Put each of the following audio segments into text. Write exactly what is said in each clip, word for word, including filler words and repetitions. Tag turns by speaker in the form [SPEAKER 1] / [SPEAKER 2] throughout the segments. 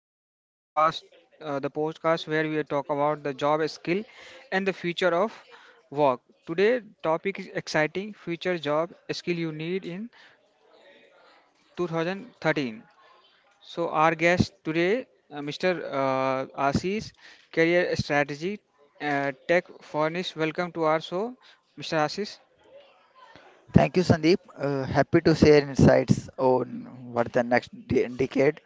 [SPEAKER 1] Career Campus, uh, the podcast where we talk about the job skill and the future of work. Today topic is exciting future job skill you need in twenty thirteen. So our guest today, uh, mister Uh, Ashish, career strategy uh, tech furnace. Welcome to our show, mister Ashish.
[SPEAKER 2] Thank you, Sandeep. Uh, happy to share insights on what the next de- decade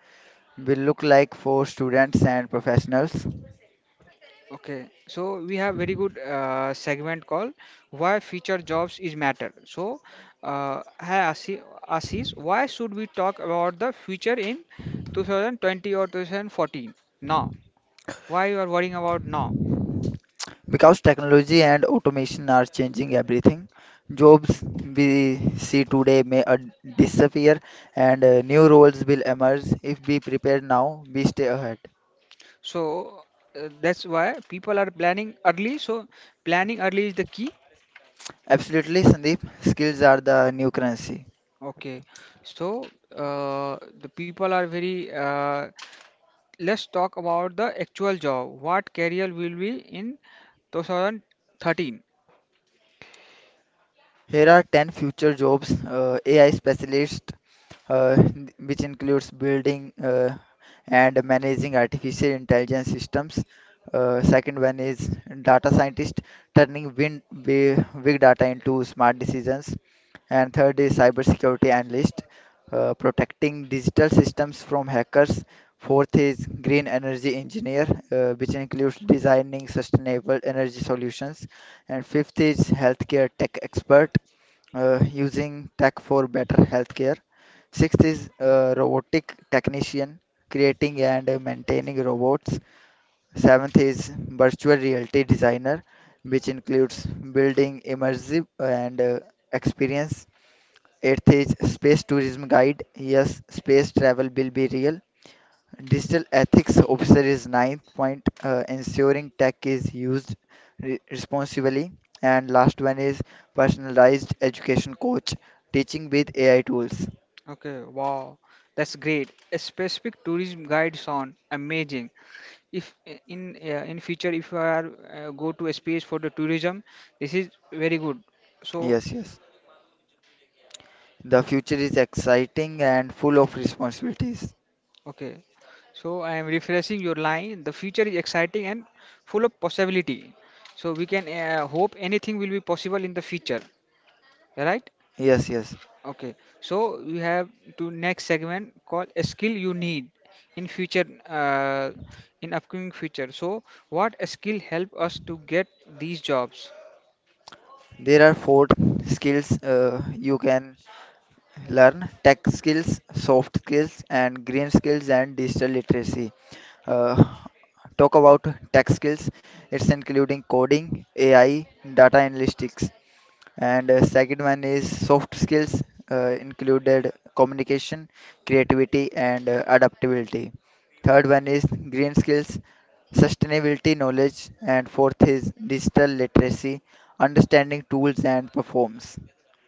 [SPEAKER 2] will look like for students and professionals.
[SPEAKER 1] Okay, so we have very good uh, segment called "Why Future Jobs is Matter." So, uh, hi Asi- Ashish, why should we talk about the future in two thousand twenty or two thousand fourteen? Now, why you are worrying about now?
[SPEAKER 2] Because technology and automation are changing everything, jobs we see today may uh, disappear and uh, new roles will emerge. If we prepare now, we stay ahead.
[SPEAKER 1] So uh, that's why people are planning early. So planning early is the key.
[SPEAKER 2] Absolutely, Sandeep. Skills are the new currency.
[SPEAKER 1] Okay, so uh, the people are very. Uh, let's talk about the actual job. What career will be in two thousand thirteen?
[SPEAKER 2] Here are ten future jobs, uh, A I specialist, uh, which includes building uh, and managing artificial intelligence systems. Uh, second one is data scientist, turning win- bi- big data into smart decisions. And third is cybersecurity analyst, uh, protecting digital systems from hackers. Fourth is green energy engineer, uh, which includes designing sustainable energy solutions. And fifth is healthcare tech expert, uh, using tech for better healthcare. Sixth is uh, robotic technician, creating and uh, maintaining robots. Seventh is virtual reality designer, which includes building immersive and uh, experience. Eighth is space tourism guide. Yes, space travel will be real. Digital ethics officer is ninth point, uh, ensuring tech is used re- responsibly. And last one is personalized education coach, teaching with A I tools.
[SPEAKER 1] Okay, wow, that's great. A specific tourism guide sound amazing. If I- in uh, In future if you are uh, go to a space for the tourism, this is very good. So
[SPEAKER 2] Yes, yes. The future is exciting and full of responsibilities.
[SPEAKER 1] okay, so I am refreshing your line. The future is exciting and full of possibility. So we can uh, hope anything will be possible in the future, right?
[SPEAKER 2] Yes, yes.
[SPEAKER 1] Okay, so we have to next segment called a skill you need in future, uh, in upcoming future. So what a skill help us to get these jobs?
[SPEAKER 2] There are four skills uh, you can learn: tech skills, soft skills, and green skills and digital literacy. uh, Talk about tech skills. It's including coding, A I, data analytics, and uh, second one is soft skills uh, included communication, creativity, and uh, adaptability. Third one is green skills, sustainability knowledge, and fourth is digital literacy, understanding tools and performs.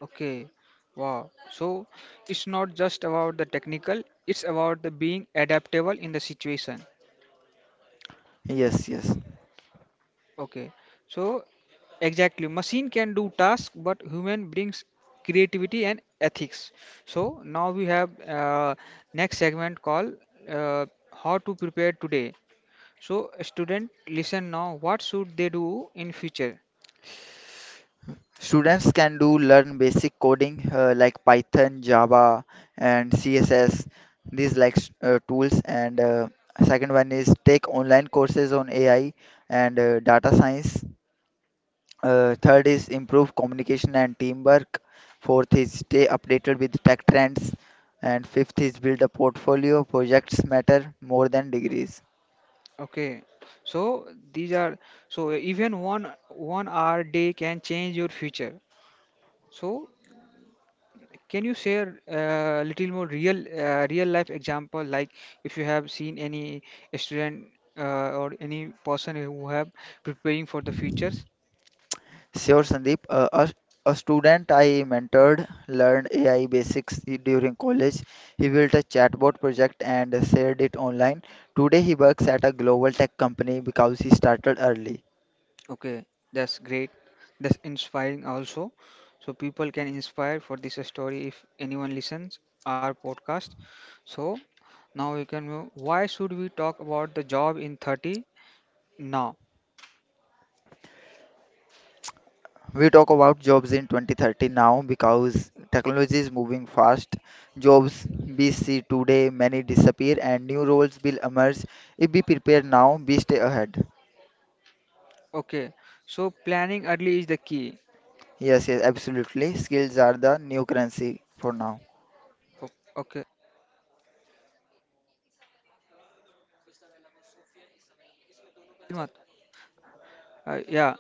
[SPEAKER 1] Okay, wow. So it's not just about the technical; it's about the being adaptable in the situation.
[SPEAKER 2] Yes, yes.
[SPEAKER 1] Okay, so exactly, machine can do task, but human brings creativity and ethics. So now we have uh, next segment called uh, how to prepare today. So student, listen now. What should they do in future?
[SPEAKER 2] Students can do learn basic coding uh, like Python, Java, and C S S. These like s- uh, tools. And uh, second one is take online courses on A I and uh, data science. Uh, third is improve communication and teamwork. Fourth is stay updated with tech trends. And fifth is build a portfolio. Projects matter more than degrees.
[SPEAKER 1] Okay, so these are so even one one hour day can change your future. So can you share a little more real uh, real life example, like if you have seen any student uh, or any person who have preparing for the futures?
[SPEAKER 2] Sure, Sandeep. Uh, a, a student I mentored learned A I basics during college. He built a chatbot project and shared it online. Today, he works at a global tech company because he started early.
[SPEAKER 1] Okay, that's great. That's inspiring also. So people can inspire for this story if anyone listens our podcast. So now we can move. Why should we talk about the job in thirty now?
[SPEAKER 2] We talk about jobs in twenty thirty now because technology is moving fast. Jobs we see today, many disappear, and new roles will emerge. If we prepare now, we stay ahead.
[SPEAKER 1] Okay, so planning early is the key.
[SPEAKER 2] Yes, yes, absolutely. Skills are the new currency for now.
[SPEAKER 1] O- Okay, थोड़ा देर मत. Uh, yeah.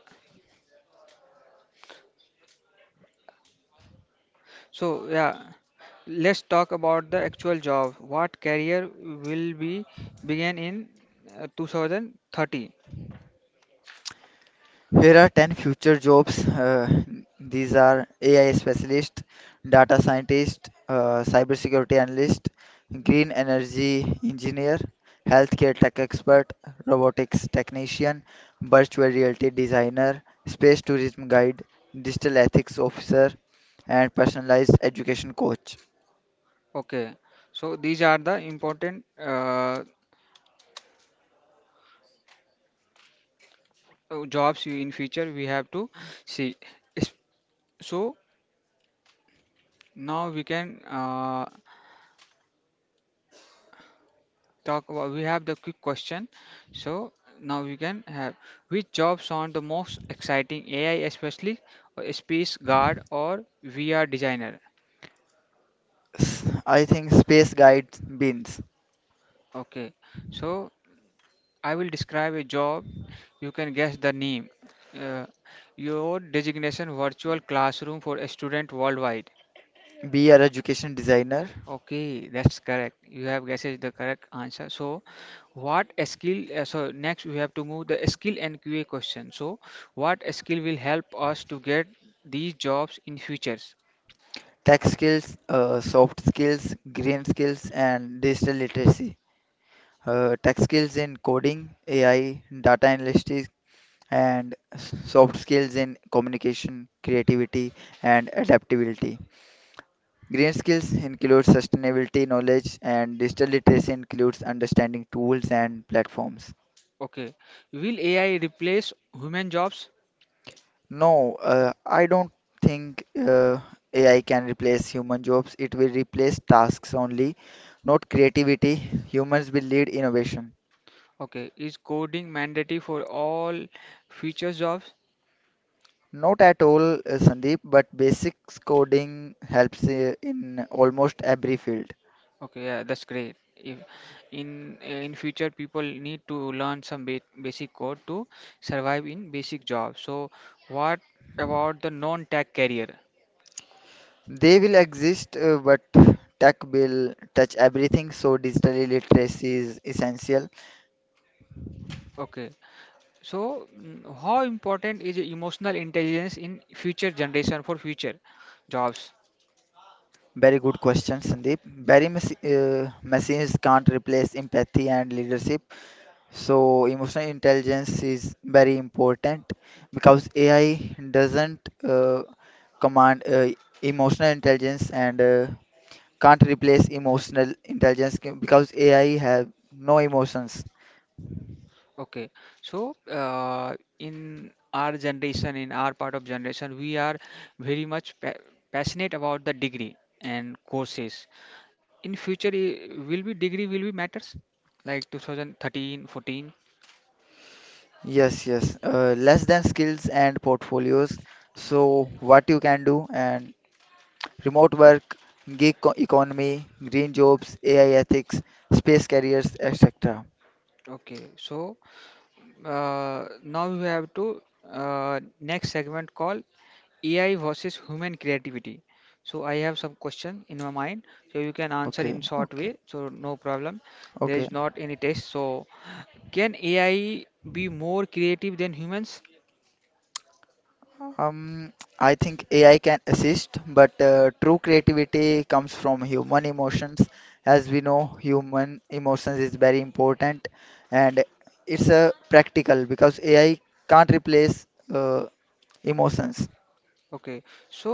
[SPEAKER 1] So yeah. Let's talk about the actual job. What career will be begin in uh, two thousand thirty?
[SPEAKER 2] Here are ten future jobs. Uh, these are A I specialist, data scientist, uh, cybersecurity analyst, green energy engineer, healthcare tech expert, robotics technician, virtual reality designer, space tourism guide, digital ethics officer, and personalized education coach.
[SPEAKER 1] Okay, so these are the important uh, uh, jobs you- in future we have to see. Is- So now we can uh, talk about. We have the quick question. So now we can have which jobs sound the most exciting? A I, especially, or space guard or V R designer.
[SPEAKER 2] S- I think space guide means
[SPEAKER 1] Okay, so I will describe a job. You can guess the name. Uh, your designation virtual classroom for a student worldwide.
[SPEAKER 2] be our education designer.
[SPEAKER 1] Okay, that's correct. You have guessed the correct answer. So, what a skill? Uh, so next we have to move the skill and Q A question. So, what a skill will help us to get these jobs in futures?
[SPEAKER 2] Tech skills, uh, soft skills, green skills, and digital literacy. Uh, tech skills in coding, A I, data analytics, and s- soft skills in communication, creativity, and adaptability. Green skills include sustainability knowledge, and digital literacy includes understanding tools and platforms.
[SPEAKER 1] Okay, will A I replace human jobs?
[SPEAKER 2] No, uh, I don't think uh, A I can replace human jobs. It will replace tasks only, not creativity. Humans will lead innovation.
[SPEAKER 1] Okay, is coding mandatory for all future jobs?
[SPEAKER 2] Not at all, uh, Sandeep, but basic coding helps uh, in almost every field.
[SPEAKER 1] Okay, yeah, that's great. If in in future people need to learn some ba basic code to survive in basic jobs. So what about the non-tech career?
[SPEAKER 2] They will exist, uh, but tech will touch everything, so digital literacy is essential.
[SPEAKER 1] Okay. So mm, how important is emotional intelligence in future generation for future jobs?
[SPEAKER 2] Very good question, Sandeep. Very mas- uh, machines can't replace empathy and leadership. So emotional intelligence is very important because A I doesn't uh, command uh, emotional intelligence and uh, can't replace emotional intelligence c- because A I have no emotions.
[SPEAKER 1] Okay. So uh, in our generation, in our part of generation, we are very much pa passionate about the degree and courses in future eh, will be degree will be matters like two thousand thirteen fourteen.
[SPEAKER 2] Yes, yes. Uh, less than skills and portfolios. So what you can do and remote work, gig co- economy, green jobs, A I ethics, space careers, et cetera.
[SPEAKER 1] Okay, so uh, now we have to uh, next segment called AI versus human creativity. So I have some question in my mind, so you can answer
[SPEAKER 2] Okay,
[SPEAKER 1] in short way,
[SPEAKER 2] okay,
[SPEAKER 1] so no problem. There
[SPEAKER 2] okay.
[SPEAKER 1] is not any test. So can AI be more creative than humans?
[SPEAKER 2] Um, I think A I can assist, but uh, true creativity comes from human emotions. As we know, human emotions is very important, and it's a practical because A I can't replace uh, emotions.
[SPEAKER 1] Okay, so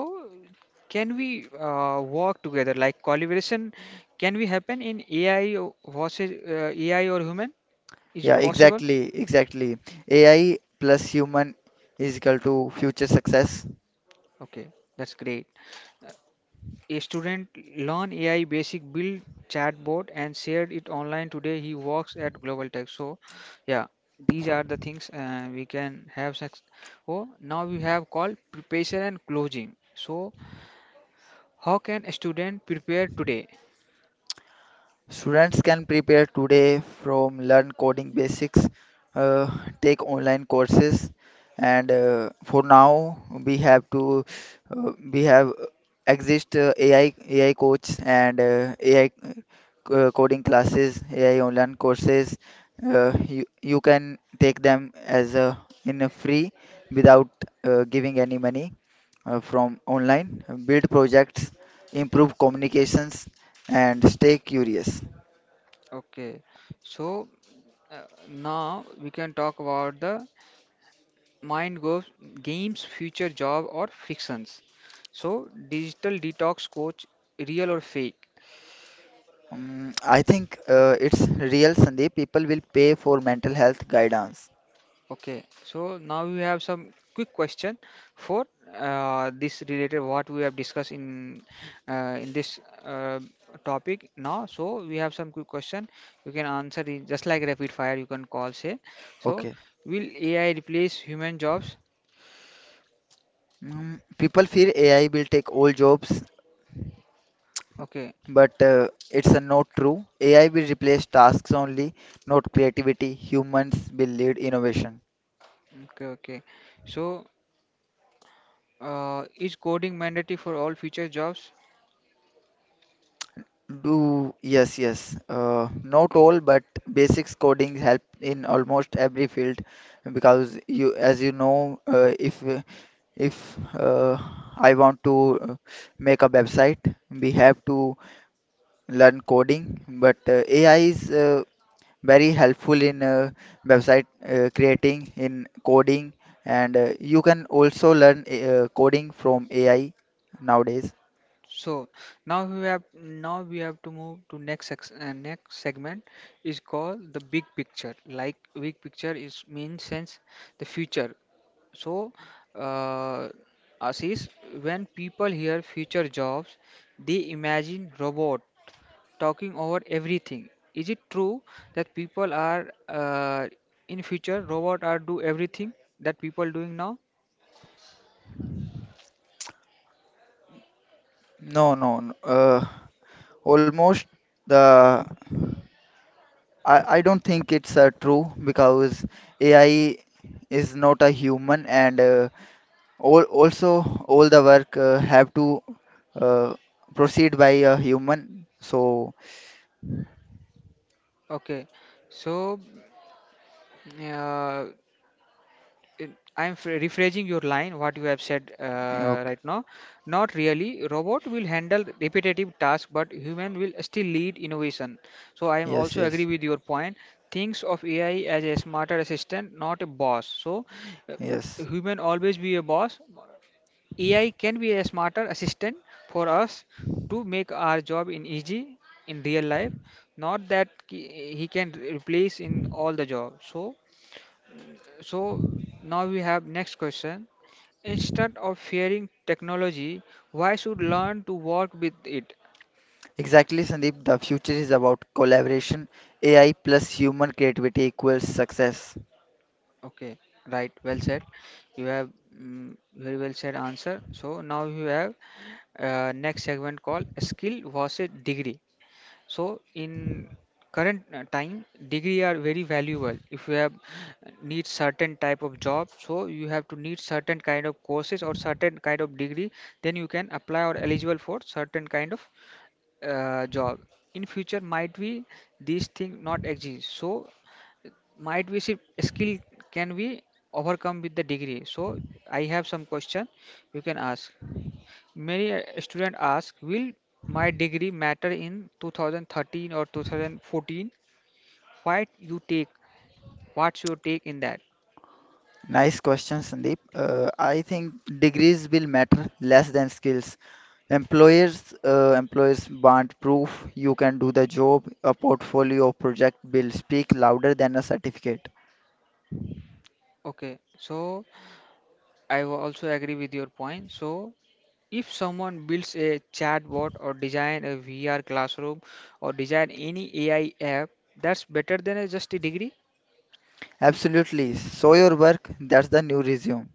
[SPEAKER 1] can we uh, work together like collaboration? Can we happen in A I versus uh, A I or human? Is
[SPEAKER 2] Yeah,
[SPEAKER 1] it possible?
[SPEAKER 2] exactly, exactly. A I plus human is equal to future success.
[SPEAKER 1] Okay, that's great. A student learn A I basic build chatbot and shared it online today. He works at Global Tech. So, yeah, these are the things uh, we can have. Success. Oh, now we have called preparation and closing. So, how can a student prepare today?
[SPEAKER 2] Students can prepare today from learn coding basics, uh, take online courses, and uh, for now we have to uh, we have exist uh, A I A I coach and uh, AI co- coding classes, A I online courses. Uh, you you can take them as a in a free without uh, giving any money uh, from online. Build projects, improve communications, and stay curious.
[SPEAKER 1] Okay, so. Uh, Now we can talk about the mind goes games, future job or fictions. So digital detox coach, real or fake?
[SPEAKER 2] Um, I think uh, it's real, Sandeep. People will pay for mental health guidance.
[SPEAKER 1] Okay. So now we have some quick question for uh, this related what we have discussed in uh, in this uh, topic now. So we have some quick question. You can answer it just like rapid fire. You can call say. So
[SPEAKER 2] Okay.
[SPEAKER 1] will A I replace human jobs?
[SPEAKER 2] Mm, people fear A I will take all jobs,
[SPEAKER 1] Okay.
[SPEAKER 2] but uh, it's uh, not true. A I will replace tasks only, not creativity. Humans will lead innovation.
[SPEAKER 1] Okay. Okay. So. Uh, is coding mandatory for all future jobs?
[SPEAKER 2] Do yes, yes. Uh, not all, but basics coding help in almost every field because you, as you know, uh, if uh, if uh, I want to uh, make a website, we have to learn coding, but uh, A I is uh, very helpful in uh, website uh, creating, in coding, and uh, you can also learn uh, coding from A I nowadays.
[SPEAKER 1] So now we have now we have to move to next sex, uh, next segment is called the big picture. Like big picture is means sense the future. So uh, Ashish, when people hear future jobs, they imagine robot talking over everything. Is it true that people are uh, in future robot are do everything that people doing now?
[SPEAKER 2] No, no, no, uh, almost the I, I don't think it's uh, true because A I is not a human and uh, all, also all the work uh, have to uh, proceed by a human. So
[SPEAKER 1] Okay. So Uh, it, I'm f- rephrasing your line, what you have said uh,
[SPEAKER 2] okay.
[SPEAKER 1] right now. Not really. Robot will handle repetitive tasks, but human will still lead innovation. So I am
[SPEAKER 2] Yes,
[SPEAKER 1] also agree
[SPEAKER 2] yes.
[SPEAKER 1] with your point. Thinks of A I as a smarter assistant, not a boss. So uh,
[SPEAKER 2] Yes,
[SPEAKER 1] human always be a boss. A I can be a smarter assistant for us to make our job in easy in real life. Not that ki- he can replace in all the job. So. So now we have next question. Instead of fearing technology, why should learn to work with it?
[SPEAKER 2] exactly, Sandeep. The future is about collaboration. A I plus human creativity equals success.
[SPEAKER 1] Okay, right, well said. You have mm, very well said answer. So now you have uh, next segment called skill versus degree. So in current uh, time, degree are very valuable. If you have uh, need certain type of job, so you have to need certain kind of courses or certain kind of degree, then you can apply or eligible for certain kind of uh, job in future might be these thing not exist, so might be see, skill can be overcome with the degree. So I have some question. You can ask many uh, student ask, will my degree matter in two thousand thirteen or two thousand fourteen? Why you take? What's your take in that?
[SPEAKER 2] Nice question, Sandeep. Uh, I think degrees will matter less than skills. Employers, uh, employers want proof you can do the job. A portfolio project will speak louder than a certificate.
[SPEAKER 1] Okay, so I will also agree with your point. So if someone builds a chatbot or design a V R classroom or design any A I app, that's better than a just a degree.
[SPEAKER 2] Absolutely. Show your work. That's the new resume.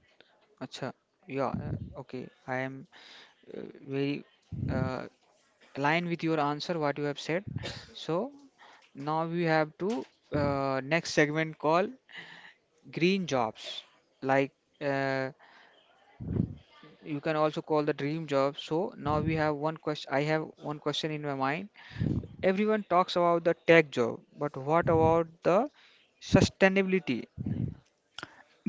[SPEAKER 1] Acha, yeah, uh, okay. I am uh, very uh, aligned with your answer, what you have said. So now we have to uh, next segment called green jobs. Like uh, you can also call the dream job. So now we have one question. I have one question in my mind. Everyone talks about the tech job, but what about the sustainability?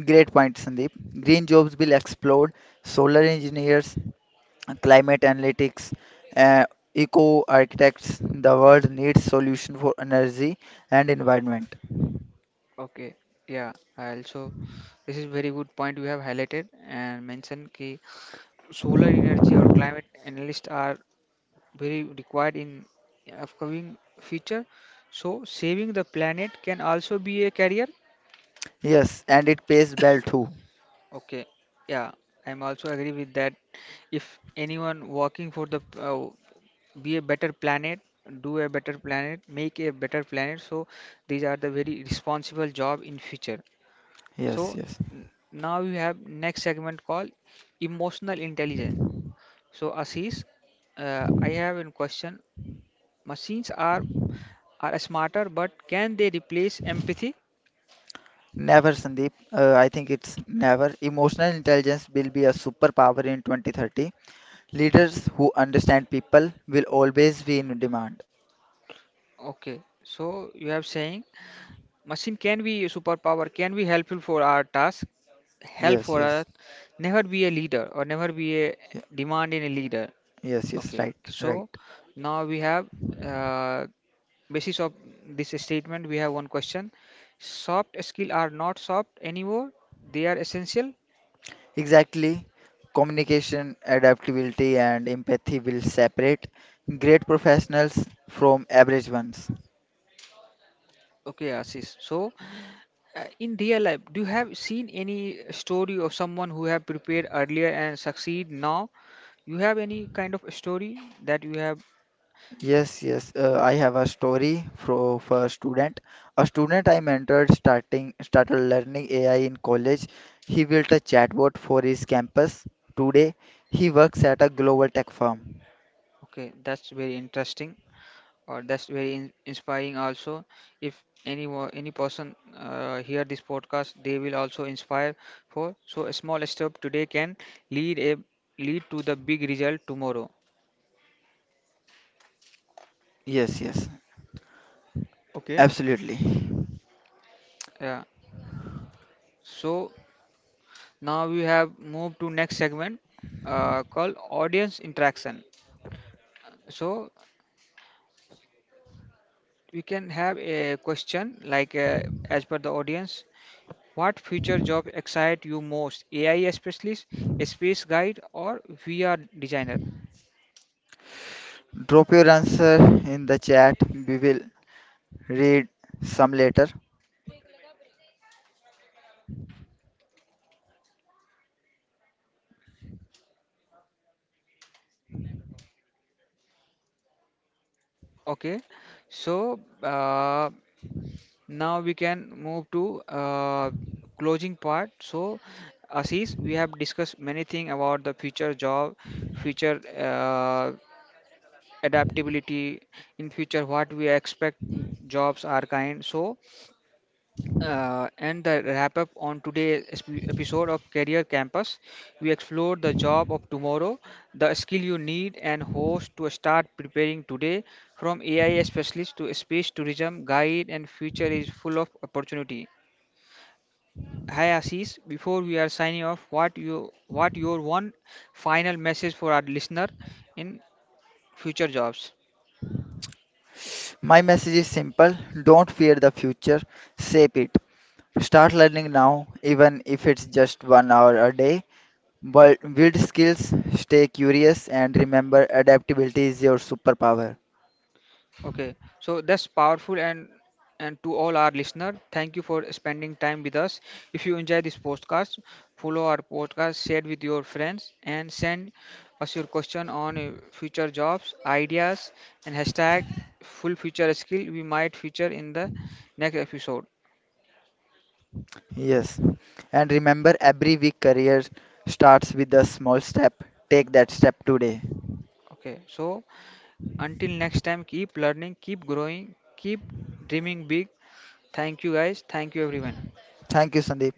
[SPEAKER 2] Great point, Sandeep. Green jobs will explode. Solar engineers, climate analytics, uh, eco architects. The world needs solution for energy and environment.
[SPEAKER 1] Okay, yeah, I also this is very good point you have highlighted and mentioned ki solar energy or climate analysts are very required in upcoming future. So saving the planet can also be a career.
[SPEAKER 2] Yes, and it pays well too.
[SPEAKER 1] Okay, yeah, I'm also agree with that. If anyone working for the uh, be a better planet, do a better planet, make a better planet, so these are the very responsible job in future. So
[SPEAKER 2] Yes, yes.
[SPEAKER 1] n- now we have next segment called emotional intelligence. So Ashish, uh, I have a question. Machines are are smarter, but can they replace empathy?
[SPEAKER 2] Never, Sandeep. Uh, I think it's never. Emotional intelligence will be a superpower in twenty thirty. Leaders who understand people will always be in demand.
[SPEAKER 1] Okay, so you have saying machine can be a superpower, can be helpful for our task, help
[SPEAKER 2] Yes,
[SPEAKER 1] for
[SPEAKER 2] yes.
[SPEAKER 1] us, never be a leader or never be a
[SPEAKER 2] Yeah.
[SPEAKER 1] demand in a leader.
[SPEAKER 2] Yes, yes.
[SPEAKER 1] Okay,
[SPEAKER 2] Right, right.
[SPEAKER 1] so now we have uh, basis of this statement. We have one question. Soft skill are not soft anymore. They are essential.
[SPEAKER 2] Exactly. Communication, adaptability, and empathy will separate great professionals from average ones.
[SPEAKER 1] Okay, Ashish. So uh, in real life, do you have seen any story of someone who have prepared earlier and succeed now? You have any kind of story that you have?
[SPEAKER 2] Yes, yes. Uh, I have a story for, for a student. A student I mentored starting started learning A I in college. He built a chatbot for his campus. Today, he works at a global tech firm.
[SPEAKER 1] Okay, that's very interesting. Or that's very in- inspiring also. If any wa- any person uh, hear this podcast, they will also inspire for. So a small step today can lead a lead to the big result tomorrow.
[SPEAKER 2] Yes, yes.
[SPEAKER 1] Okay,
[SPEAKER 2] Absolutely.
[SPEAKER 1] yeah. So now we have moved to next segment, uh, called audience interaction. So we can have a question like, uh, as per the audience, what future job excite you most? AI specialist, a space guide, or VR designer?
[SPEAKER 2] Drop your answer in the chat. We will read some later.
[SPEAKER 1] Okay, so uh, now we can move to uh, closing part. So, Ashish, we have discussed many things about the future job, future uh, adaptability, in future what we expect mm, jobs are kind. So, uh, and the wrap up on today's esp- episode of Career Campus. We explored the job of tomorrow, the skill you need and host to start preparing today, from A I specialist to space tourism guide, and future is full of opportunity. Hi Ashish, before we are signing off, what you what your one final message for our listener in future jobs?
[SPEAKER 2] My message is simple: don't fear the future, shape it. Start learning now, even if it's just one hour a day. Build build skills, stay curious, and remember adaptability is your superpower.
[SPEAKER 1] Okay, so that's powerful and and to all our listener, thank you for spending time with us. If you enjoy this podcast, follow our podcast, share with your friends, and send us your question on uh, future jobs, ideas, and hashtag full future skill we might feature in the next episode.
[SPEAKER 2] Yes, and remember every week career starts with a small step. Take that step today.
[SPEAKER 1] Okay, so until next time, keep learning, keep growing, keep dreaming big. Thank you guys, thank you everyone.
[SPEAKER 2] Thank you, Sandeep.